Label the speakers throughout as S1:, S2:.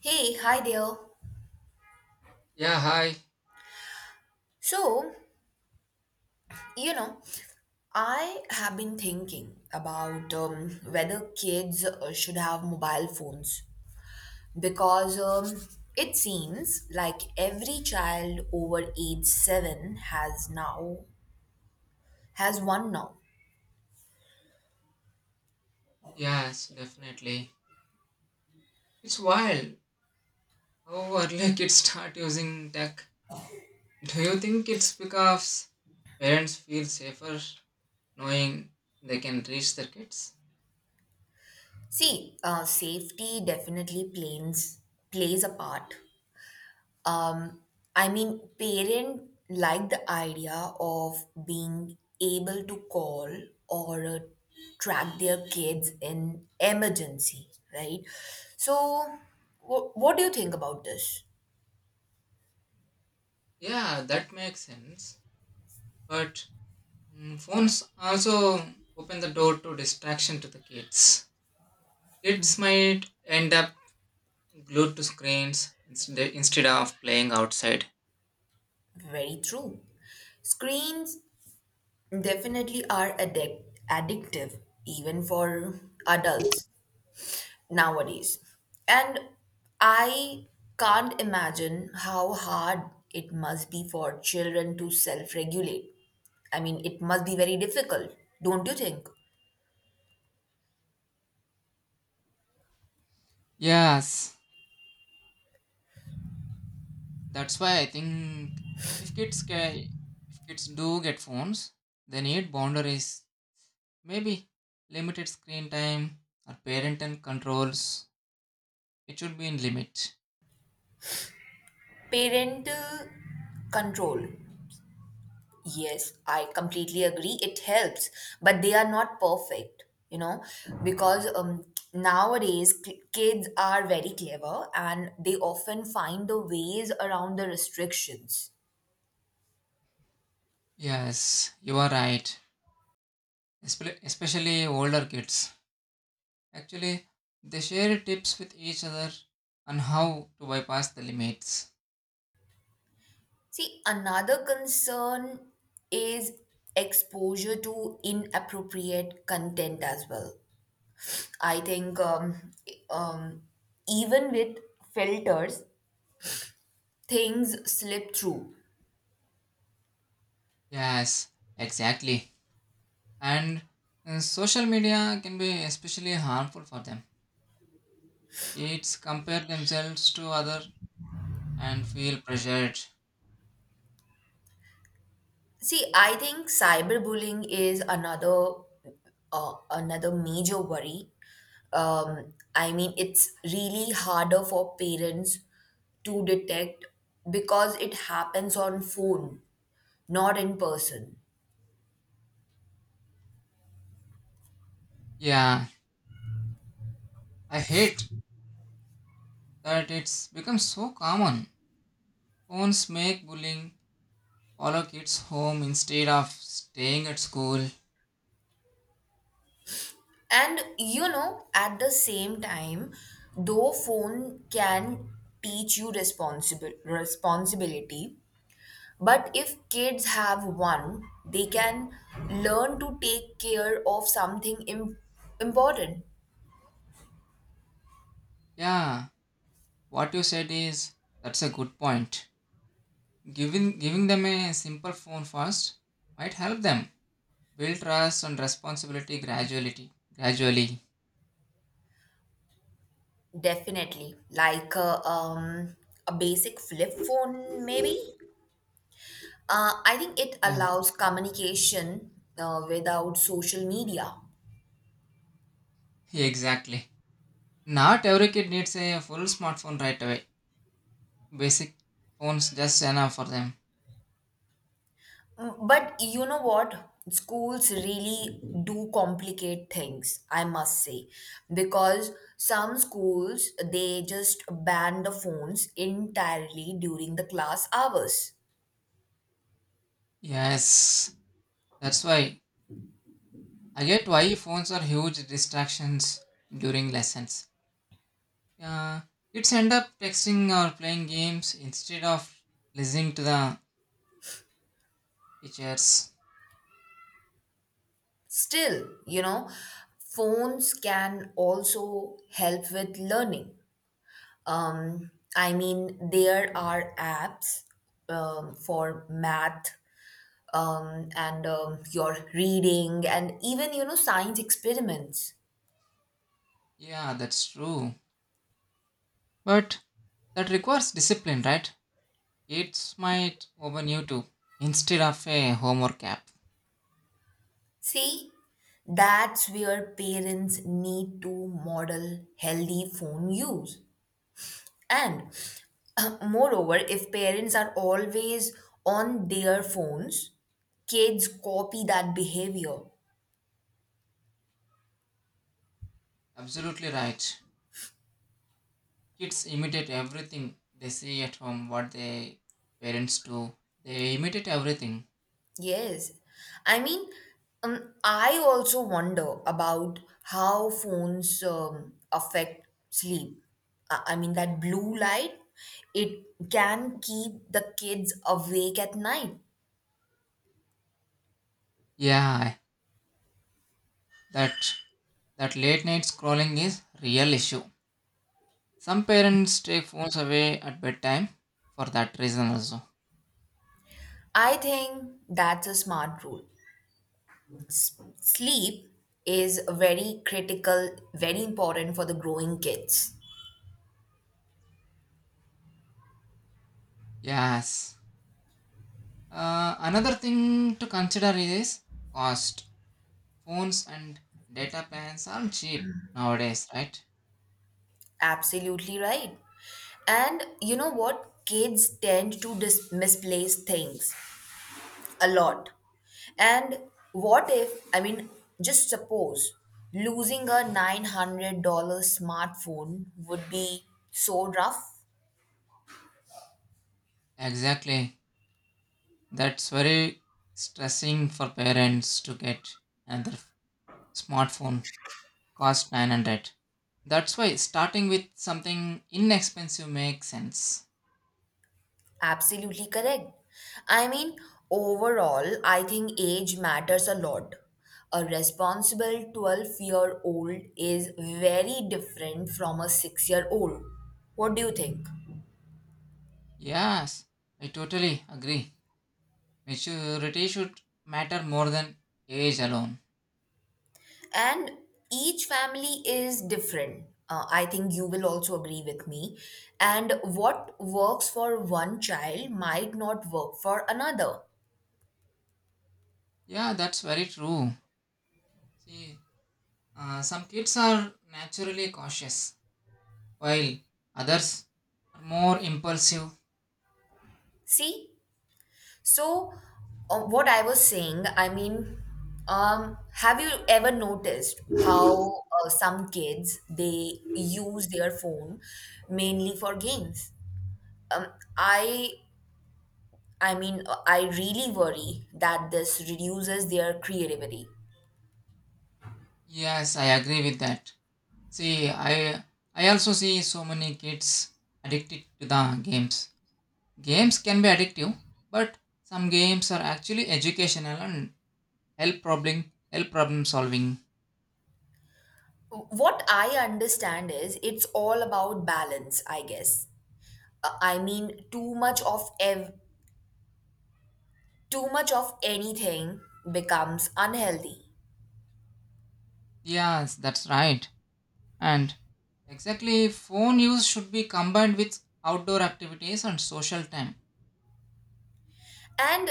S1: Hey, hi there.
S2: Yeah, hi.
S1: So, you know, I have been thinking about whether kids should have mobile phones because it seems like every child over age 7 has one now.
S2: Yes, definitely. It's wild how early kids start using tech. Do you think it's because parents feel safer knowing they can reach their kids?
S1: See, safety definitely plays a part. Um, I mean, parent like the idea of being able to call or track their kids in emergency, right? So, what do you think about this?
S2: Yeah, that makes sense. But phones also open the door to distraction to the kids. Kids might end up glued to screens instead of playing outside.
S1: Very true. Screens definitely are addictive, even for adults nowadays. And I can't imagine how hard it must be for children to self regulate. I mean, it must be very difficult, don't you think?
S2: Yes, that's why I think if kids can, if kids do get phones, they need boundaries. Maybe limited screen time or parental controls. It should be in limit.
S1: Parental control. Yes, I completely agree. It helps, but they are not perfect, you know, because nowadays kids are very clever and they often find the ways around the restrictions.
S2: Yes, you are right. Especially older kids. Actually, they share tips with each other on how to bypass the limits.
S1: See, another concern is exposure to inappropriate content as well. I think um, even with filters, things slip through.
S2: Yes, exactly. And social media can be especially harmful for them. Kids compare themselves to other and feel pressured.
S1: See, I think cyberbullying is another another major worry. I mean, it's really harder for parents to detect because it happens on phone, not in person.
S2: Yeah, I hate that it's become so common. Phones make bullying follow kids home instead of staying at school.
S1: And at the same time, though phone can teach you responsible responsibility, but if kids have one, they can learn to take care of something important.
S2: Yeah, what you said is that's a good point. Giving them a simple phone first might help them build trust and responsibility gradually. Gradually.
S1: Definitely, like a basic flip phone, maybe. I think it
S2: Yeah,
S1: allows communication without social media.
S2: exactly. Not every kid needs a full smartphone right away. Basic phones just enough for them.
S1: Mm, but you know what? Schools really do complicate things, I must say, because some schools they just ban the phones entirely during the class hours.
S2: Yes, that's why I get why phones are huge distractions during lessons. Uh, Kids end up texting or playing games instead of listening to the teachers.
S1: Still, phones can also help with learning. Um, I mean, there are apps for math and your reading and even science experiments.
S2: Yeah, that's true. But that requires discipline, right? Kids might open YouTube instead of a homework app.
S1: See, that's where parents need to model healthy phone use. And moreover, if parents are always on their phones, kids copy that behavior.
S2: Absolutely right. Kids imitate everything they see at home, what their parents do. They imitate everything.
S1: Yes. I mean, I also wonder about how phones affect sleep. I mean, that blue light, it can keep the kids awake at night.
S2: Yeah, that that late night scrolling is real issue. Some parents take phones away at bedtime for that reason also.
S1: I think that's a smart rule. Sleep is very critical, very important for the growing kids.
S2: Yes. Another thing to consider is cost. Phones and data plans are cheap nowadays, right?
S1: Absolutely right. And you know what? Kids tend to misplace things a lot. And what if, I mean, just suppose losing a $900 smartphone would be so rough?
S2: Exactly. That's very stressing for parents to get another f- smartphone. Cost 900. That's why starting with something inexpensive makes sense.
S1: Absolutely correct. I mean, overall, I think age matters a lot. A responsible 12-year-old is very different from a 6-year-old. What do you think?
S2: Yes, I totally agree. Maturity should matter more than age alone.
S1: And each family is different. I think you will also agree with me. And what works for one child might not work for another.
S2: Yeah, that's very true. See, some kids are naturally cautious, while others are more impulsive.
S1: See? So, what I was saying, I mean, have you ever noticed how some kids they use their phone mainly for games? Um, I I mean, I really worry that this reduces their creativity.
S2: Yes, I agree with that. See, I also see so many kids addicted to the games. Games can be addictive, but some games are actually educational and help problem help problem solving.
S1: What I understand is it's all about balance, I guess. I mean, too much of anything becomes unhealthy.
S2: Yes, that's right. And exactly, phone use should be combined with outdoor activities and social time.
S1: And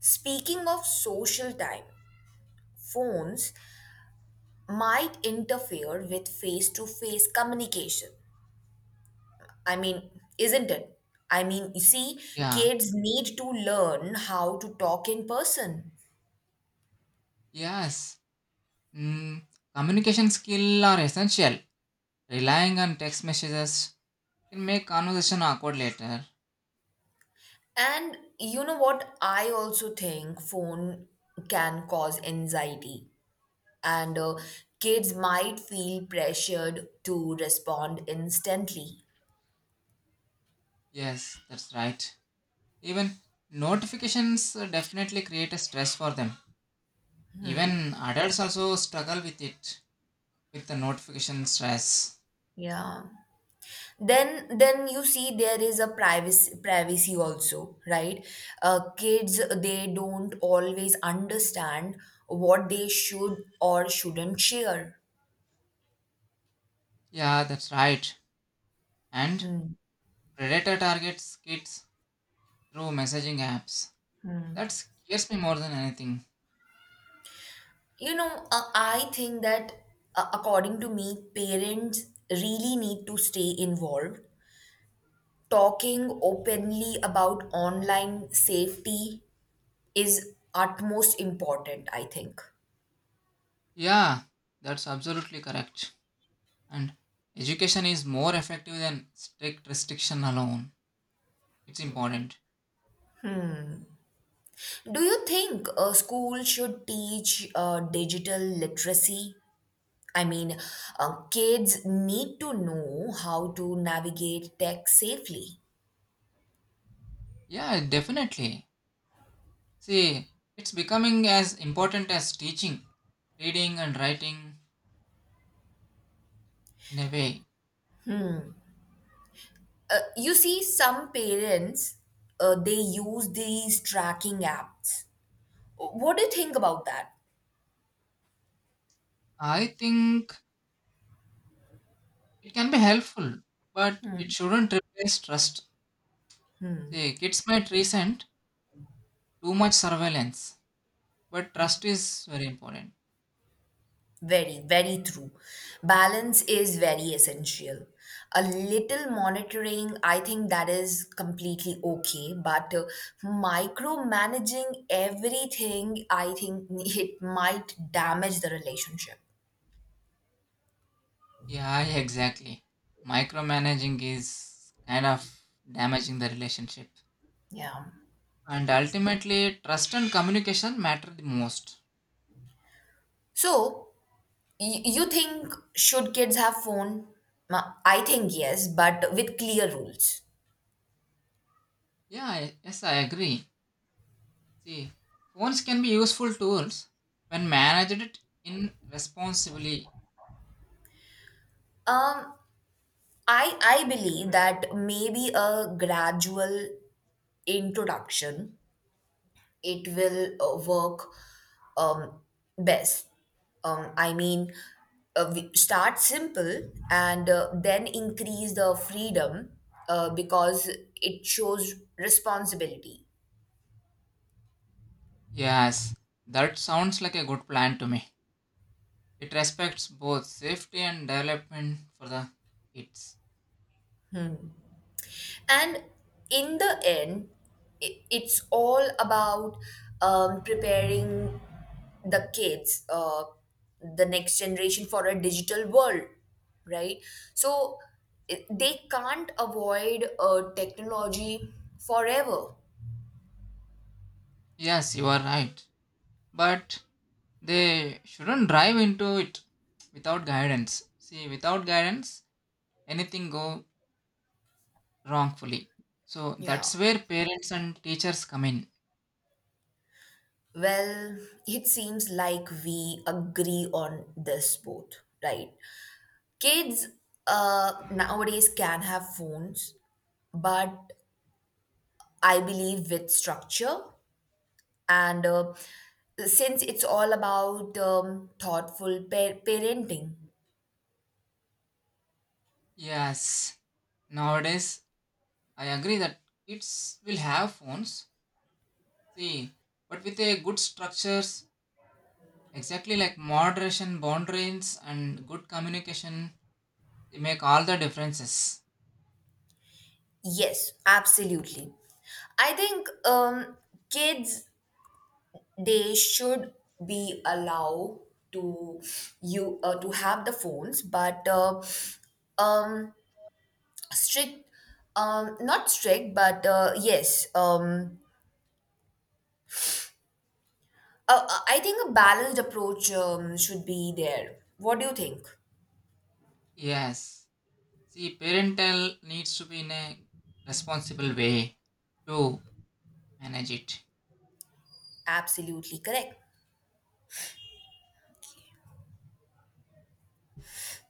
S1: speaking of social time, phones might interfere with face to face communication. I mean, isn't it? I mean, you see,
S2: Yeah.
S1: kids need to learn how to talk in person.
S2: Yes, mm, communication skill are essential. Relying on text messages can make conversation awkward later.
S1: And you know what? I also think phone can cause anxiety, and kids might feel pressured to respond instantly.
S2: Yes, that's right. Even notifications definitely create a stress for them. Even adults also struggle with it, with the notification stress.
S1: Yeah. Then you see there is a privacy also, right? Uh, kids they don't always understand what they should or shouldn't share.
S2: Yeah, that's right. And
S1: Hmm.
S2: predator targets kids through messaging apps. That scares me more than anything.
S1: You know, I think that according to me parents really need to stay involved. Talking openly about online safety is utmost important I think.
S2: Yeah, that's absolutely correct. And education is more effective than strict restriction alone. It's important.
S1: Do you think school should teach digital literacy? I mean, kids need to know how to navigate tech safely.
S2: Yeah, definitely. See, it's becoming as important as teaching, reading, and writing in a way.
S1: You see, some parents they use these tracking apps. What do you think about that?
S2: I think it can be helpful, but it shouldn't replace trust. See, kids might resent too much surveillance, but trust is very important.
S1: Very, very true. Balance is very essential. A little monitoring, I think that is completely okay, but micromanaging everything, I think it might damage the relationship.
S2: Yeah, yeah, exactly. Micromanaging is kind of damaging the relationship.
S1: Yeah.
S2: And ultimately, trust and communication matter the most.
S1: So, you think should kids have phone? I think yes, but with clear rules.
S2: Yeah, yes, I agree. See, phones can be useful tools when managed it in responsibly.
S1: Um, I believe that maybe a gradual introduction it will work um, best. I mean, we start simple and then increase the freedom because it shows responsibility.
S2: Yes, that sounds like a good plan to me. It respects both safety and development for the kids.
S1: And in the end, it's all about preparing the kids, the next generation for a digital world, right? So they can't avoid technology forever.
S2: Yes, you are right. But they shouldn't drive into it without guidance, see, without guidance anything go wrongfully. So
S1: Yeah.
S2: that's where parents and teachers come in.
S1: Well, it seems like we agree on this both, right? Kids nowadays can have phones, but I believe with structure. And since it's all about thoughtful parenting,
S2: Yes, nowadays I agree that kids will have phones, see, but with a good structures. Exactly like moderation, boundaries, and good communication, they make all the differences.
S1: yes, absolutely. I think kids they should be allowed to you to have the phones, but um, strict, not strict, but yes, I think a balanced approach should be there. What do you think?
S2: Yes, see, parental needs to be in a responsible way to manage it.
S1: Absolutely correct.